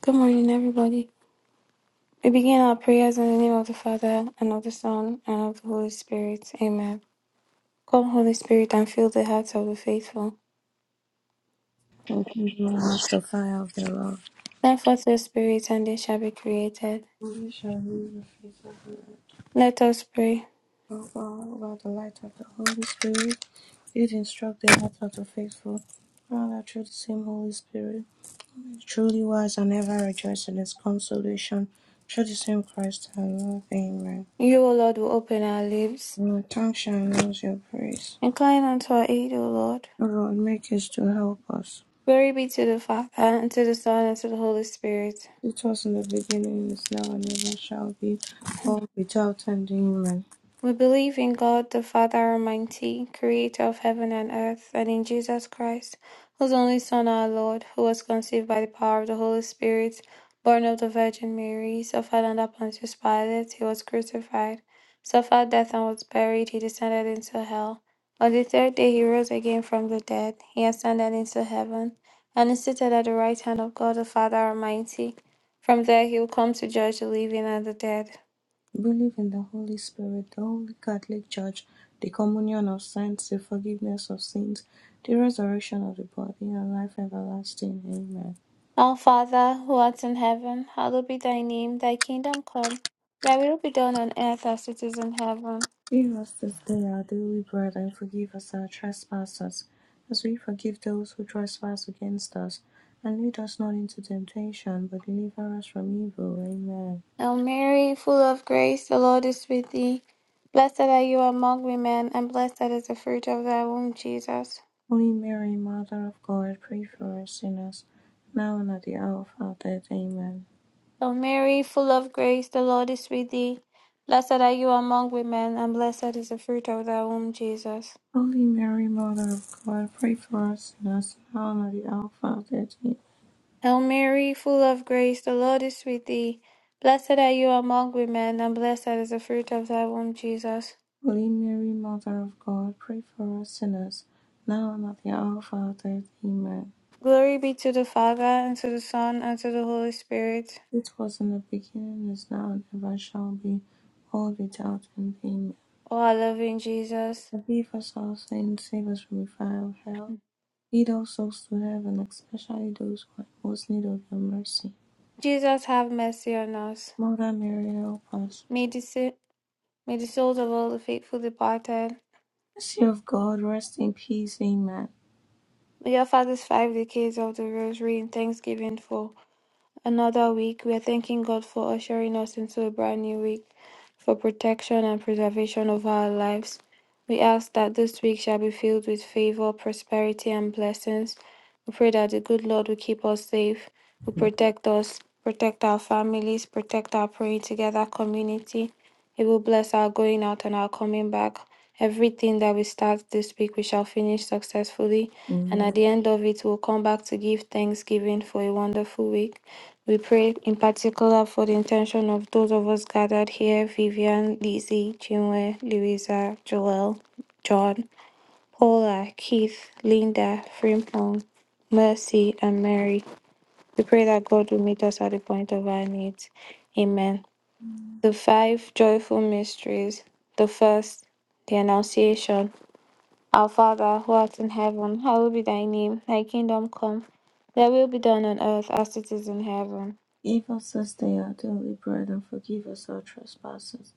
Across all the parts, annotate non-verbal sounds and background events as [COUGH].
Good morning, everybody. We begin our prayers in the name of the Father, and of the Son, and of the Holy Spirit. Amen. Come, Holy Spirit, and fill the hearts of the faithful. Open the room with the fire of their love. Send forth your Spirit, and they shall be created. We shall read the face of the Let us pray. Lord. Overall, by the light of the Holy Spirit, it instruct the hearts of the faithful, and that through the same Holy Spirit, truly wise and ever rejoice in His consolation, through the same Christ our Lord. Amen. You, O Lord, will open our lips. And our tongue shall announce your praise. Incline unto our aid, O Lord. O Lord, make haste to help us. Glory be to the Father, and to the Son, and to the Holy Spirit It was in the beginning, is now, and ever shall be, all without ending. Amen. We believe in God the Father Almighty, creator of heaven and earth, and in Jesus Christ, whose only Son, our Lord, who was conceived by the power of the Holy Spirit, born of the Virgin Mary, suffered under Pontius Pilate, he was crucified, suffered death and was buried, he descended into hell. On the third day he rose again from the dead, he ascended into heaven, and is seated at the right hand of God the Father Almighty. From there he will come to judge the living and the dead. Believe in the Holy Spirit, the Holy Catholic Church, the communion of saints, the forgiveness of sins, the resurrection of the body, and life everlasting. Amen. Our Father, who art in heaven, hallowed be thy name. Thy kingdom come, thy will be done on earth as it is in heaven. Give us this day our daily bread, and forgive us our trespasses, as we forgive those who trespass against us. And lead us not into temptation, but deliver us from evil. Amen. Hail Mary, full of grace, the Lord is with thee. Blessed are you among women, and blessed is the fruit of thy womb, Jesus. Holy Mary, Mother of God, pray for us sinners, now and at the hour of our death. Amen. Hail Mary, full of grace, the Lord is with thee. Blessed are you among women, and blessed is the fruit of thy womb, Jesus. Holy Mary, Mother of God, pray for us sinners now and at the hour of our death. Amen. Hail Mary, full of grace, the Lord is with thee. Blessed are you among women, and blessed is the fruit of thy womb, Jesus. Holy Mary, Mother of God, pray for us sinners now and at the hour of our death. Amen. Glory be to the Father, and to the Son, and to the Holy Spirit. It was in the beginning, is now, and ever shall be, world without end. Amen. O our loving Jesus, Forgive us our sins, save us from the fire of hell. Lead all souls to heaven, especially those who are in most need of your mercy. Jesus, have mercy on us. Mother Mary, help us. May the, sa- may the souls of all the faithful departed, Mercy of God, rest in peace. Amen. may your fathers five decades of the Rosary in thanksgiving for. another week. We are thanking God for ushering us into a brand new week for protection and preservation of our lives. We ask that this week shall be filled with favor, prosperity, and blessings. We pray that the good Lord will keep us safe, will protect us, protect our families, protect our praying together community. He will bless our going out and our coming back. Everything that we start this week, we shall finish successfully. And Amen. at the end of it, we'll come back to give thanksgiving for a wonderful week. We pray in particular for the intention of those of us gathered here Vivian, Lizzie, Chinwe, Louisa, Joel, John, Paula, Keith, Linda, Frimpong, Mercy, and Mary. We pray that God will meet us at the point of our needs. Amen. The five joyful mysteries. The first, the Annunciation. Our Father, who art in heaven, hallowed be thy name. Thy kingdom come, thy will be done on earth as it is in heaven. Give us this day our daily bread, and forgive us our trespasses,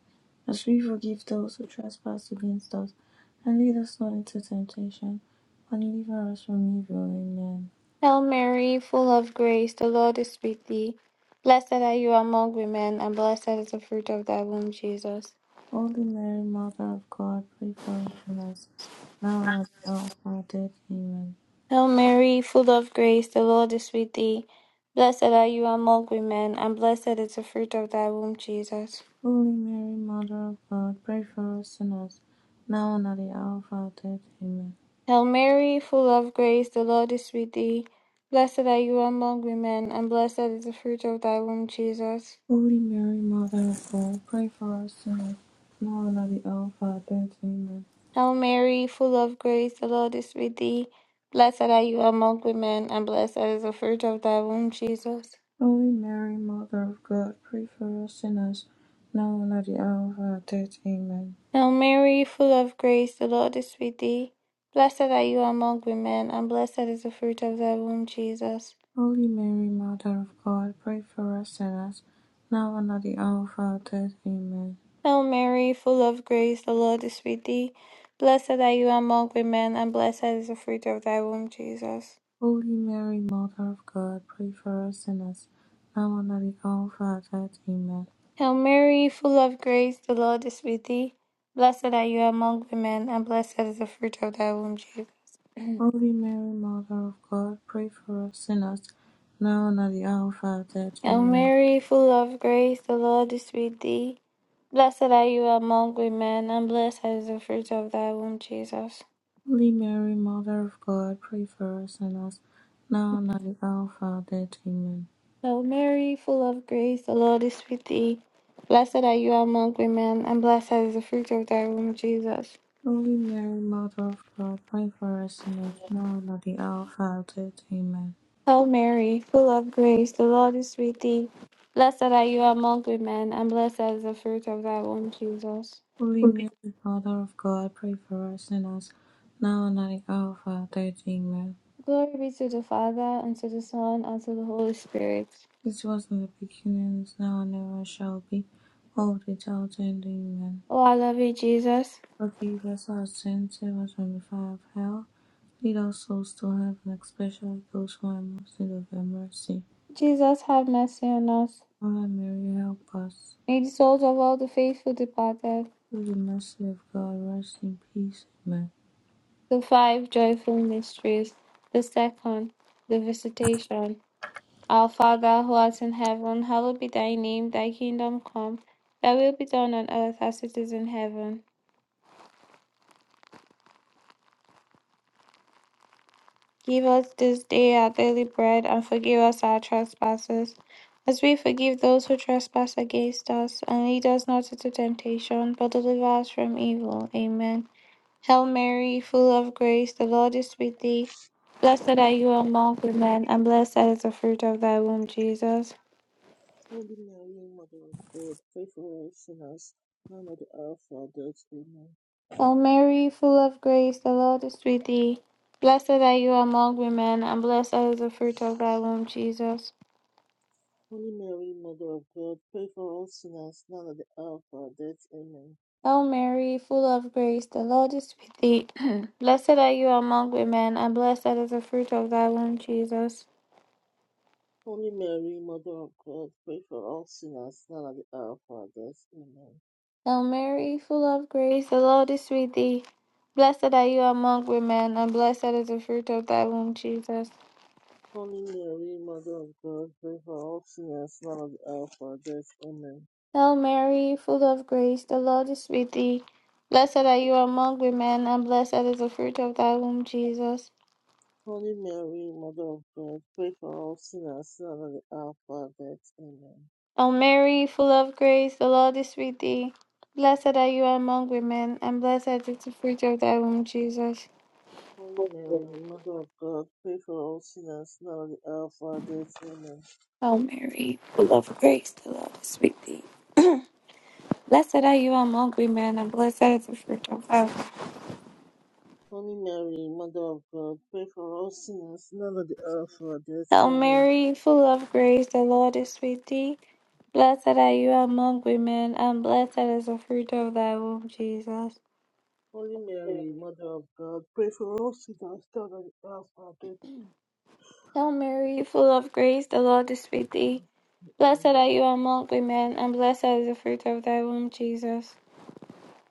as we forgive those who trespass against us. And lead us not into temptation, but deliver us from evil. Amen. Hail Mary, full of grace, the Lord is with thee. Blessed are you among women, and blessed is the fruit of thy womb, Jesus. Holy Mary, Mother of God, pray for us sinners, now and at the hour of our death. Amen. Hail Mary, full of grace, the Lord is with thee. Blessed are you among women, and blessed is the fruit of thy womb, Jesus. Holy Mary, Mother of God, pray for us sinners, now and at the hour of our death. Amen. Hail Mary, full of grace, the Lord is with thee. Blessed are you among women, and blessed is the fruit of thy womb, Jesus. Holy Mary, Mother of God, pray for us sinners, now and at the hour of our death. Amen. Hail Mary, full of grace, the Lord is with thee. Blessed are you among women, and blessed is the fruit of thy womb, Jesus. Holy Mary, Mother of God, pray for us sinners, now and at the hour of our death. Amen. Hail Mary, full of grace, the Lord is with thee. Blessed are you among women, and blessed is the fruit of thy womb, Jesus. Holy Mary, Mother of God, pray for us sinners, now and at the hour of our death. Amen. Hail Mary, full of grace, the Lord is with thee. Blessed are you among women, and blessed is the fruit of thy womb, Jesus. Holy Mary, Mother of God, pray for us sinners, now and at the hour of our death. Amen. Hail Mary, full of grace, the Lord is with thee. Blessed are you among women, and blessed is the fruit of thy womb, Jesus. Holy Mary, Mother of God, pray for us sinners, now and at the hour of our death. Hail Amen. Mary, full of grace, the Lord is with thee. Blessed are you among women, and blessed is the fruit of thy womb, Jesus. Holy Mary, Mother of God, pray for us sinners, now and at the hour of our death. Amen. Hail Mary, full of grace, the Lord is with thee. Blessed are you among women, and blessed is the fruit of thy womb, Jesus. Holy Mary, Mother of God, pray for us sinners now and at the hour of our death. Amen. Hail Mary, full of grace, the Lord is with thee. Blessed are you among women, and blessed is the fruit of thy womb, Jesus. Holy Amen. Mary, Mother of God, pray for us sinners now and at the hour of our death. Amen. Glory be to the Father, and to the Son, and to the Holy Spirit. This was in the beginning, is now and ever shall be, world without end. Amen. Oh, I love you, Jesus. Forgive us our sins, save us from the fire of hell. Lead our souls to heaven, especially those who are most in need of your mercy. Jesus, have mercy on us. Mother Mary, help us. May the souls of all the faithful departed, Through the mercy of God, rest in peace. Amen. the five joyful mysteries, the second, the visitation. Our Father who art in heaven, hallowed be thy name, thy kingdom come, thy will be done on earth as it is in heaven. Give us this day our daily bread, and forgive us our trespasses, as we forgive those who trespass against us. And lead us not into temptation, but deliver us from evil. Amen. Hail Mary, full of grace, the Lord is with thee. Blessed are you among women, and blessed is the fruit of thy womb, Jesus. Holy Mary, Mother of God, pray for us sinners, now and at the hour of our death. Amen. Hail Mary, full of grace, the Lord is with thee. Blessed are you among women, and blessed is the fruit of thy womb, Jesus. Holy Mary, Mother of God, pray for us sinners, now and at the hour of our death. Amen. Hail Mary, full of grace, the Lord is with thee. [CLEARS THROAT] blessed are you among women, and blessed is the fruit of thy womb, Jesus. Holy Mary, Mother of God, pray for us sinners, now and at the hour of our death. Amen. Hail Mary, full of grace, the Lord is with thee. Blessed are you among women, and blessed is the fruit of thy womb, Jesus. Holy Mary, Mother of God, pray for all sinners, now and at the hour of our death. Amen. Hail Mary, full of grace, the Lord is with thee. Blessed are you among women, and blessed is the fruit of thy womb, Jesus. Holy Mary, Mother of God, pray for all sinners, now and at the hour of our death. Amen. Hail Mary, full of grace, the Lord is with thee. Blessed are you among women, and blessed is the fruit of thy womb, Jesus. Holy Mary, Mother of God, pray for all sinners now and at the hour of our death. Amen. Hail Mary, full of grace, the Lord is with thee. Blessed are you among women, and blessed is the fruit of thy womb. Holy Mary, Mother of God, pray for all sinners now and at the hour of our death. Hail Amen. Mary, full of grace, the Lord is with thee. Blessed are you among women, and blessed is the fruit of thy womb, Jesus. Holy Mary, Mother of God, pray for all sinners now and at the hour of our death. Hail Mary, full of grace, the Lord is with thee. Blessed Amen. are you among women, and blessed is the fruit of thy womb, Jesus.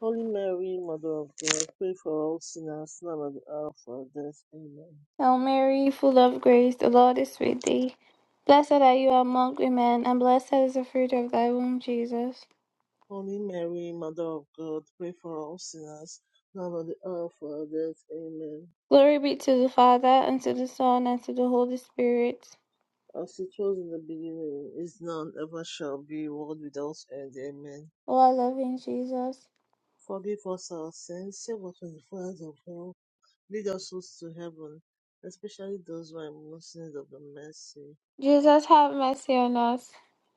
Holy Mary, Mother of God, pray for all sinners now and at the hour of our death. Amen. Hail Mary, full of grace, the Lord is with thee. Blessed are you among women, and blessed is the fruit of thy womb, Jesus. Holy Mary, Mother of God, pray for all sinners now and at the hour of our death. Amen. Glory be to the Father, and to the Son, and to the Holy Spirit. As it was in the beginning, is now, and ever shall be, world without end. Amen. O our loving Jesus. Forgive us our sins, save us from the fires of hell, lead us souls to heaven, especially those who are most in need of the mercy. Jesus, have mercy on us.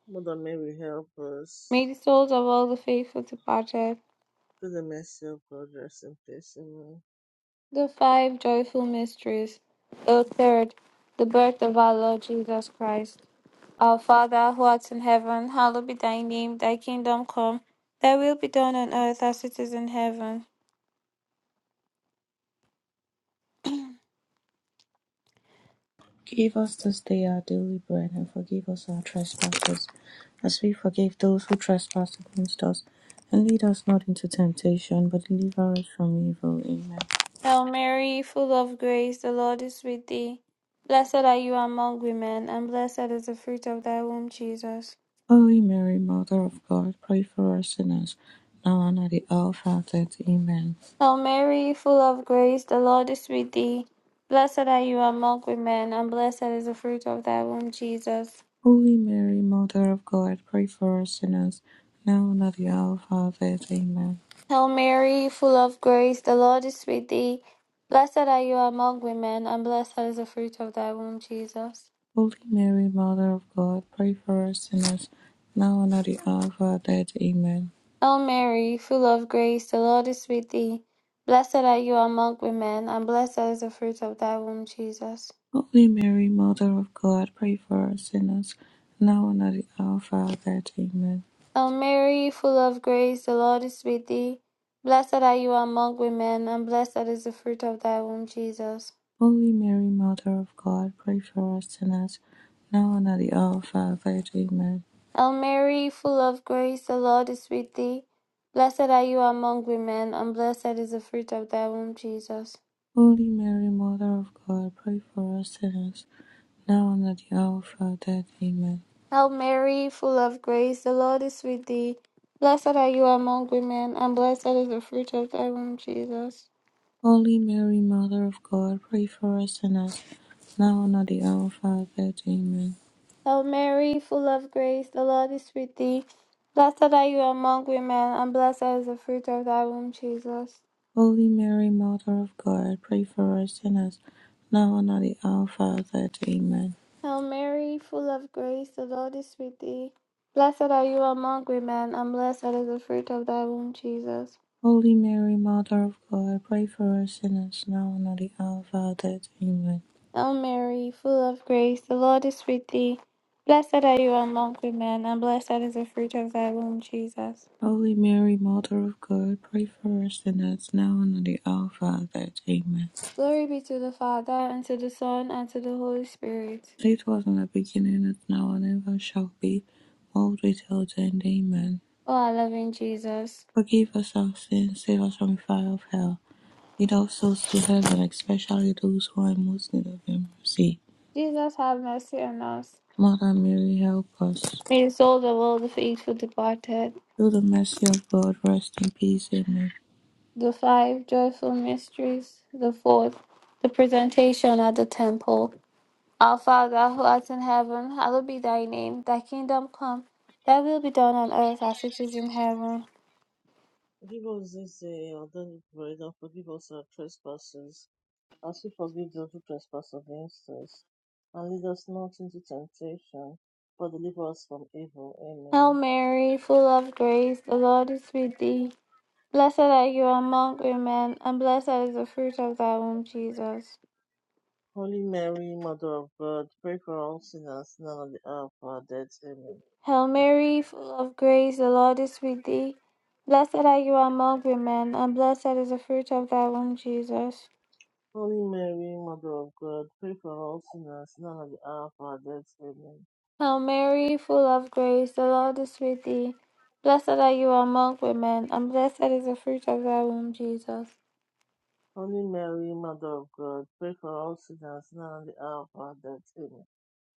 Mother Mary, help us. May the souls of all the faithful departed. Through the mercy of God, rest in peace. Amen. The five joyful mysteries. The third, the birth of our Lord Jesus Christ. Our Father, who art in heaven, hallowed be thy name. Thy kingdom come. Thy will be done on earth as it is in heaven. Give us this day our daily bread, and forgive us our trespasses, as we forgive those who trespass against us. And lead us not into temptation, but deliver us from evil. Amen. Hail Mary, full of grace, the Lord is with thee. Blessed are you among women, and blessed is the fruit of thy womb, Jesus. Holy Mary, Mother of God, pray for us sinners, now and at the hour of our death. Amen. Hail Mary, full of grace, the Lord is with thee. Blessed are you among women, and blessed is the fruit of thy womb, Jesus. Holy Mary, Mother of God, pray for us sinners, now and at the hour of our death. Amen. Hail Mary, full of grace, the Lord is with thee. Blessed are you among women, and blessed is the fruit of thy womb, Jesus. Holy Mary, Mother of God, pray for us sinners, now and at the hour of our death. Amen. Hail Mary, full of grace, the Lord is with thee. Blessed are you among women, and blessed is the fruit of thy womb, Jesus. Holy Mary, Mother of God, pray for us sinners, now and at the hour of our death. Amen. Hail Mary, full of grace, the Lord is with thee. Blessed are you among women, and blessed is the fruit of thy womb, Jesus. Holy Mary, Mother of God, pray for us sinners, now and at the hour of our death. Amen. Hail Mary, full of grace, the Lord is with thee. Blessed are you among women, and blessed is the fruit of thy womb, Jesus. Holy Mary, Mother of God, pray for us sinners, now and at the hour of our death. Amen. Hail Mary, full of grace, the Lord is with thee. Blessed are you among women, and blessed is the fruit of thy womb, Jesus. Holy Mary, Mother of God, pray for us sinners, now and at the hour of our death. Amen. Hail Mary, full of grace, the Lord is with thee. Blessed are you among women, and blessed is the fruit of thy womb, Jesus. Holy Mary, Mother of God, pray for us sinners, now and at the hour of our death. Amen. Hail Mary, full of grace, the Lord is with thee. Blessed are you among women, and blessed is the fruit of thy womb, Jesus. Holy Mary, Mother of God, pray for us sinners now and at the hour of our death. Amen. Hail Mary, full of grace, the Lord is with thee. Blessed are you among women, and blessed is the fruit of thy womb, Jesus. Holy Mary, Mother of God, pray for us sinners now and at the hour of our death. Amen. Glory be to the Father, and to the Son, and to the Holy Spirit. As It was in the beginning, is now, and ever shall be, world without end. Amen. O our loving Jesus. Forgive us our sins, save us from the fire of hell. Lead all souls to heaven, especially those who are in most need of your mercy. Jesus, have mercy on us. Mother Mary, help us. May the souls of all the faithful departed. Through the mercy of God, rest in peace. Amen. The five joyful mysteries. The fourth, the presentation at the temple. Our Father, who art in heaven, hallowed be thy name. Thy kingdom come, thy will be done on earth as it is in heaven. Forgive us this day our daily bread, and forgive us our trespasses, as we forgive those who trespass against us. And lead us not into temptation, but deliver us from evil. Hail Amen. Mary, full of grace, the Lord is with thee. Blessed are you among women, and blessed is the fruit of thy womb, Jesus. Holy Mary, Mother of God, pray for all sinners now and at the hour of our death. Amen. Hail Mary, full of grace, the Lord is with thee. Blessed are you among women, and blessed is the fruit of thy womb, Jesus. Holy Mary, Mother of God, pray for all sinners now and at the hour of our death. Amen. Hail Mary, full of grace, the Lord is with thee. Blessed are you among women, and blessed is the fruit of thy womb, Jesus. Holy Mary, Mother of God, pray for all sinners now and at the hour of our death. Amen.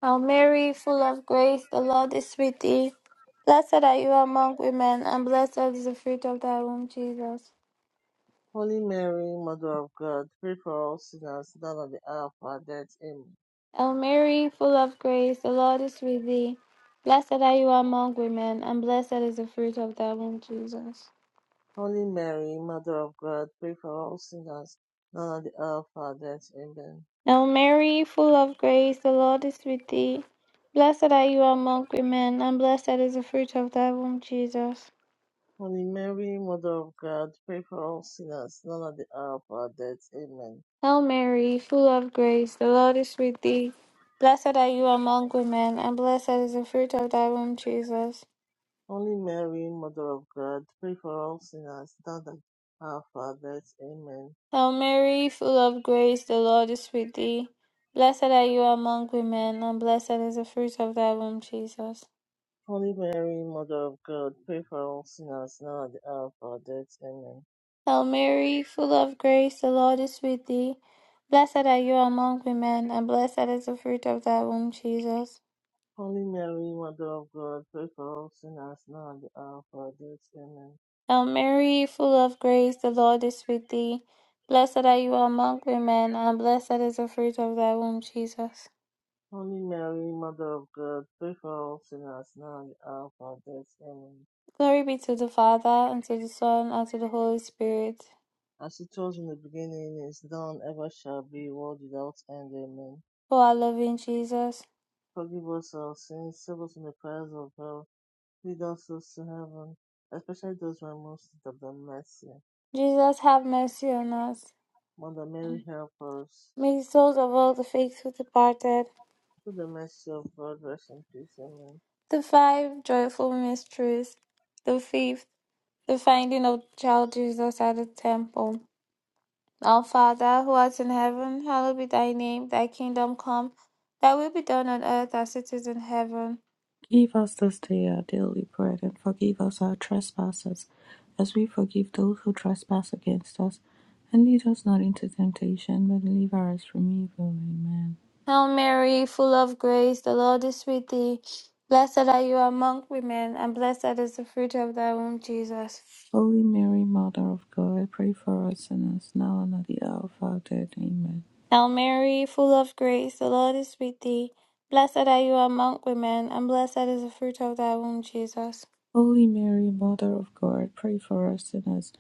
Hail Mary, full of grace, the Lord is with thee. Blessed are you among women, and blessed is the fruit of thy womb, Jesus. Holy Mary, Mother of God, pray for all sinners now and at the hour of our death. Amen. Hail Mary, full of grace, the Lord is with thee. Blessed are you among women, and blessed is the fruit of thy womb, Jesus. Holy Mary, Mother of God, pray for all sinners now and at the hour of our death. Amen. Hail Mary, full of grace, the Lord is with thee. Blessed are you among women, and blessed is the fruit of thy womb, Jesus. Holy Mary, Mother of God, pray for all sinners, now and at the hour of our death. Amen. Hail Mary, full of grace, the Lord is with thee. Blessed are you among women, and blessed is the fruit of thy womb, Jesus. Holy Mary, Mother of God, pray for all sinners, now and at the hour of our death. Amen. Hail Mary, full of grace, the Lord is with thee. Blessed are you among women, and blessed is the fruit of thy womb, Jesus. Holy Mary, Mother of God, pray for all sinners, now and at the hour of our death. Amen. Hail Mary, full of grace, the Lord is with thee. Blessed are you among women, and blessed is the fruit of thy womb, Jesus. Holy Mary, Mother of God, pray for all sinners, now at the hour of our death. Amen. Hail Mary, full of grace, the Lord is with thee. Blessed are you among women, and blessed is the fruit of thy womb, Jesus. Holy Mary, Mother of God, pray for us sinners, now and at the hour of our death. Amen. Glory be to the Father, and to the Son, and to the Holy Spirit. as it was in the beginning, is now, and ever shall be, world without end. Amen. O our loving Jesus. Forgive us our sins, save us from the fires of hell, lead us souls to heaven, especially those who are most in need of the mercy. Jesus, have mercy on us. Mother Mary, help us. May the souls of all the faithful departed. Through the mercy of God, rest in peace. Amen. The five joyful mysteries. The fifth, the finding of child Jesus at the temple. Our Father, who art in heaven, hallowed be thy name. Thy kingdom come. Thy will be done on earth as it is in heaven. Give us this day our daily bread, and forgive us our trespasses, as we forgive those who trespass against us. And lead us not into temptation, but deliver us from evil. Amen. Hail Mary, full of grace, the Lord is with thee. Blessed are you among women, and blessed is the fruit of thy womb, Jesus. Holy Mary, Mother of God, pray for us sinners, now and at the hour of our death. Amen. Hail Mary, full of grace, the Lord is with thee. Blessed are you among women, and blessed is the fruit of thy womb, Jesus. Holy Mary, Mother of God, pray for us sinners,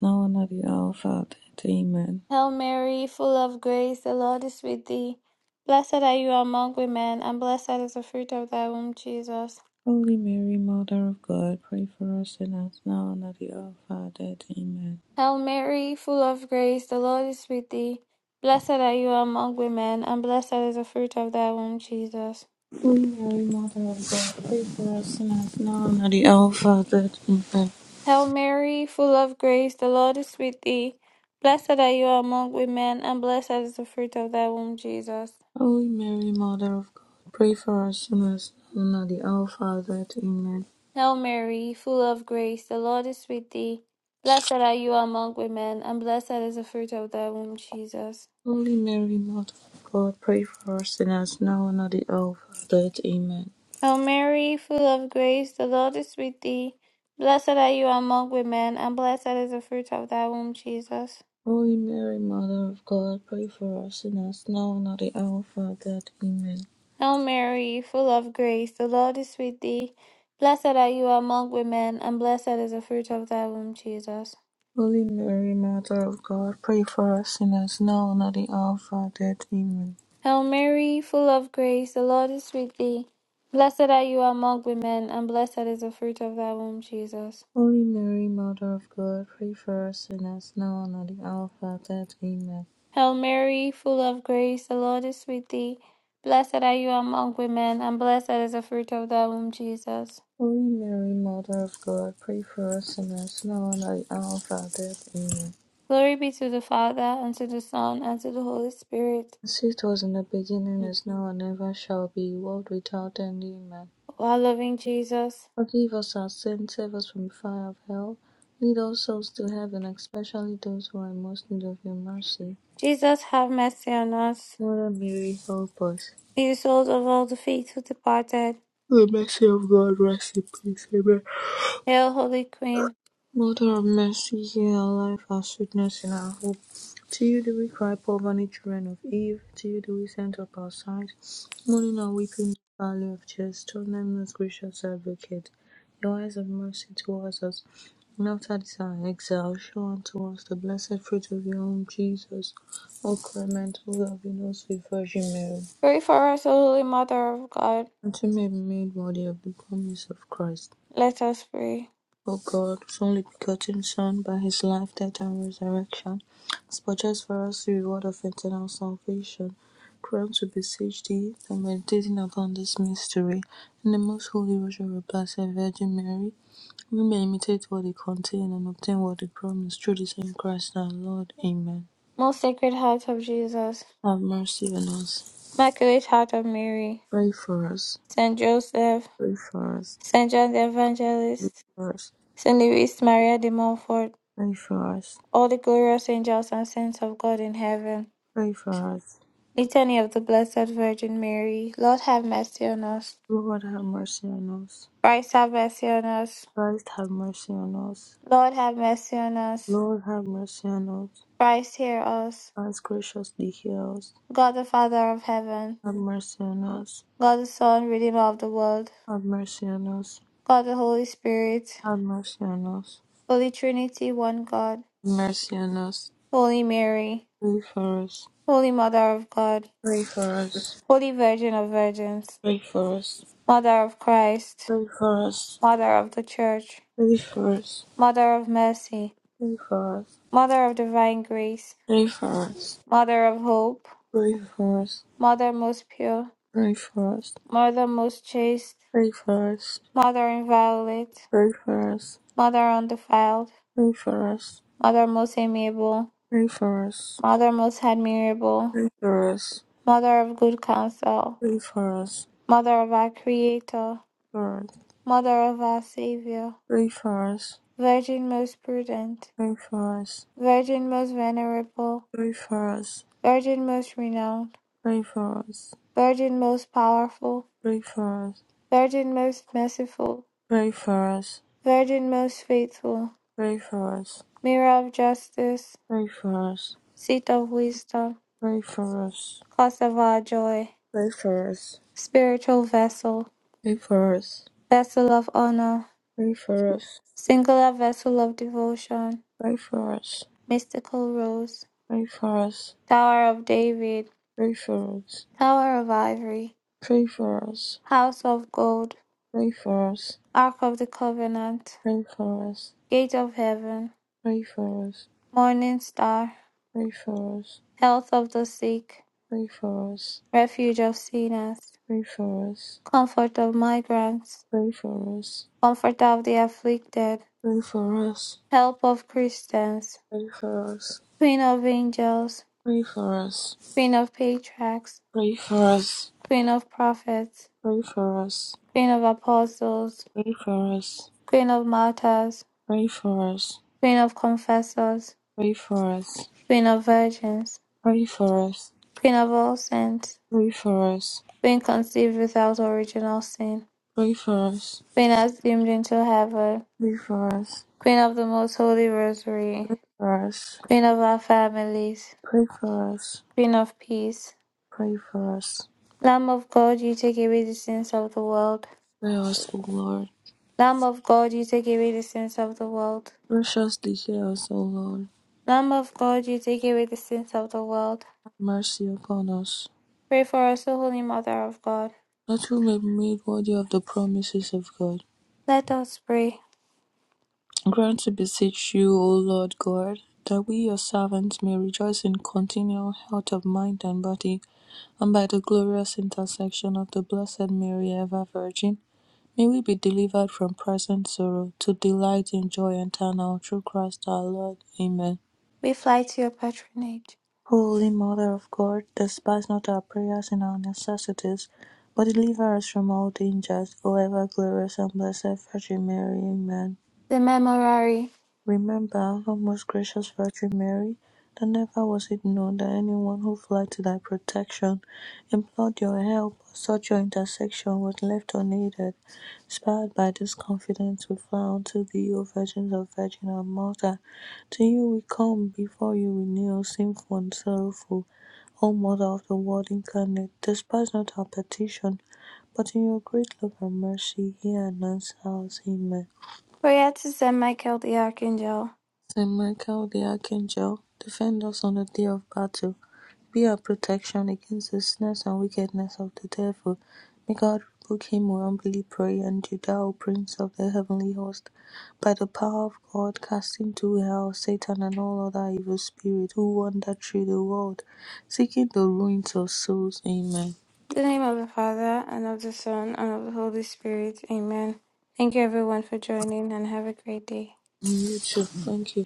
now and at the hour of our death. Amen. Hail Mary, full of grace, the Lord is with thee. Blessed are you among women, and blessed is the fruit of thy womb, Jesus. Holy Mary, Mother of God, pray for us sinners, now and at the hour of our death. Amen. Hail Mary, full of grace, the Lord is with thee. Blessed are you among women, and blessed is the fruit of thy womb, Jesus. Holy Mary, Mother of God, pray for us sinners now and at the hour of our death. Amen. Hail Mary, full of grace, the Lord is with thee. Blessed are you among women, and blessed is the fruit of thy womb, Jesus. Holy Mary, Mother of God, pray for us sinners now and at the hour of our death. Amen. Hail Mary, full of grace, the Lord is with thee. Blessed are you among women, and blessed is the fruit of thy womb, Jesus. Holy Mary, Mother of God, pray for us sinners now and at the hour of our death. Amen. Hail Mary, full of grace, the Lord is with thee. Blessed are you among women, and blessed is the fruit of thy womb, Jesus. Holy Mary, Mother of God, pray for us sinners now and at the hour of our death. Amen. Hail Mary, full of grace, the Lord is with thee. Blessed are you among women, and blessed is the fruit of thy womb, Jesus. Holy Mary, Mother of God, pray for us sinners now and at the hour of our death. Amen. Hail Mary, full of grace, the Lord is with thee. Blessed are you among women, and blessed is the fruit of thy womb, Jesus. Holy Mary, Mother of God, pray for us sinners now and at the hour of our death. Amen. Hail Mary, full of grace, the Lord is with thee. Blessed are you among women, and blessed is the fruit of thy womb, Jesus. Holy Mary, Mother of God, pray for us sinners now and at the hour of our death. Amen. Glory be to the Father, and to the Son, and to the Holy Spirit. As it was in the beginning, is now, and ever shall be, world without end. Amen. O our loving Jesus. Forgive us our sins, save us from the fire of hell. Lead all souls to heaven, especially those who are in most need of your mercy. Jesus have mercy on us, Mother Mary, help us. May the souls of all the faithful departed. The mercy of God, rest in peace. Amen. Hail, Holy Queen. Mother of mercy, hear our life, our sweetness, and our hope. To you do we cry, poor vain children of Eve. To you do we send up our sighs, mourning and weeping in the valley of tears. Turn them, most gracious advocate, your eyes of mercy towards us. And after this our exile, show unto us the blessed fruit of your womb, Jesus. O Clement, O loving, O sweet Virgin Mary. Pray for us, O Holy Mother of God. Unto me be made worthy of the promise of Christ. Let us pray. O God, whose only begotten Son, by his life, death, and resurrection, has purchased for us the reward of eternal salvation, grant to beseech thee that meditating upon this mystery in the most holy rosary of Blessed Virgin Mary, we may imitate what it contains and obtain what it promised through the same Christ our Lord. Amen. Most Sacred Heart of Jesus, Have mercy on us. Immaculate Heart of Mary, Pray for us. Saint Joseph, Pray for us. Saint John the Pray Evangelist, for us. Saint Louis Maria de Montfort, Pray for us. all the glorious angels and saints of God in heaven. Pray for us. Litany of the Blessed Virgin Mary, Lord have mercy on us. Lord, have mercy on us. Christ have mercy on us. Christ have mercy on us. Lord have mercy on us. Lord have mercy on us. Christ hear us. Christ graciously hear us. God the Father of heaven, Have mercy on us. God the Son, Redeemer of the world, Have mercy on us. God the Holy Spirit, Have mercy on us. Holy Trinity, one God, Have mercy on us. Holy Mary, Pray for us. Holy Mother of God, Pray for us. Holy Virgin of Virgins, Pray for us. Mother of Christ, Pray for us. Mother of the Church, Pray for us. Mother of Mercy, Mother of Divine Grace, Pray for us. Mother of Hope, Pray for us. Mother most pure, Pray for us. Mother most chaste, Pray for us. Mother inviolate, Pray for us. Mother undefiled, Pray for us. Mother most amiable, Pray for us. Mother most admirable, Pray for us. Pray for us. Mother of good counsel, Pray for us. Mother of our Creator, For us. Mother of our Savior, Pray Pray Virgin most prudent, Pray Pray Virgin most venerable, Pray Pray Virgin most renowned, Pray Pray Virgin most powerful, Pray Virgin most merciful, Pray Pray Virgin most faithful, Mirror of justice, Pray Seat of wisdom, Pray for us, Cause of our joy, Pray for for for Spiritual vessel, for for for Vessel of honor, for Singular vessel of devotion, Mystical rose. for for Tower of David, for for for Tower of Ivory, for us, pray for us. House of Gold, us. Ark of the Covenant, us. us. us. Gate of Heaven, us. us. us. Morning Star, us. Health of the Sick, us. us. Refuge of Sinners, us. Comfort of pray Migrants, for us. pray for us. Pray for us. Pray for us. Pray for us. Pray for us. Pray for us. Pray for us. Comfort of the Afflicted, Pray for us. Help of Christians, Pray for us. Queen of Angels, Pray for us. Queen of Patriarchs, Pray for us. Queen of Prophets, Pray for us. Queen of Apostles, Pray for us. Queen of Martyrs, Pray for us. Queen of Confessors, Pray for us. Queen of Virgins, Pray for us. Queen of All Saints, Pray for us. Being conceived without original sin, Pray for us. being assumed into heaven, Pray for us. Queen of the Most Holy Rosary, Pray for us. Queen of our families, Pray for us. Queen of Peace, Pray for us. Lamb of God, you take away the sins of the world. Hear us, O Lord. Lamb of God, you take away the sins of the world. Graciously hear us, O Lord. Lamb of God, you take away the sins of the world. Have mercy upon us, Pray for us, O Holy Mother of God. that we may be made worthy of the promises of God. Let us pray. Grant, to beseech you, O Lord God, that we, your servants, may rejoice in continual health of mind and body, and by the glorious intercession of the Blessed Mary, ever Virgin, may we be delivered from present sorrow to delight in joy eternal through Christ our Lord. Amen. We fly to your patronage. Holy Mother of God, despise not our prayers in our necessities, but deliver us from all dangers, O ever glorious and blessed Virgin Mary. Amen. The Memorare. Remember, our most gracious Virgin Mary, that never was it known that anyone who fled to thy protection, implored your help, or sought your intercession was left unaided. Inspired by this confidence, we fly unto thee, O Virgin of Virgin and Mother. To you we come, before you we kneel, sinful and sorrowful. O Mother of the Word incarnate, despise not our petition, but in your great love and mercy hear and answer us. Amen. Prayer to Saint Michael the Archangel. Saint Michael the Archangel, defend us on the day of battle. Be our protection against the snares and wickedness of the devil. May God rebuke him, we humbly pray, and you, thou Prince of the heavenly host, by the power of God, cast into hell Satan and all other evil spirits who wander through the world, seeking the ruins of souls. Amen. In the name of the Father, and of the Son, and of the Holy Spirit. Amen. Thank you everyone for joining, and have a great day. Mm, you too. Thank you.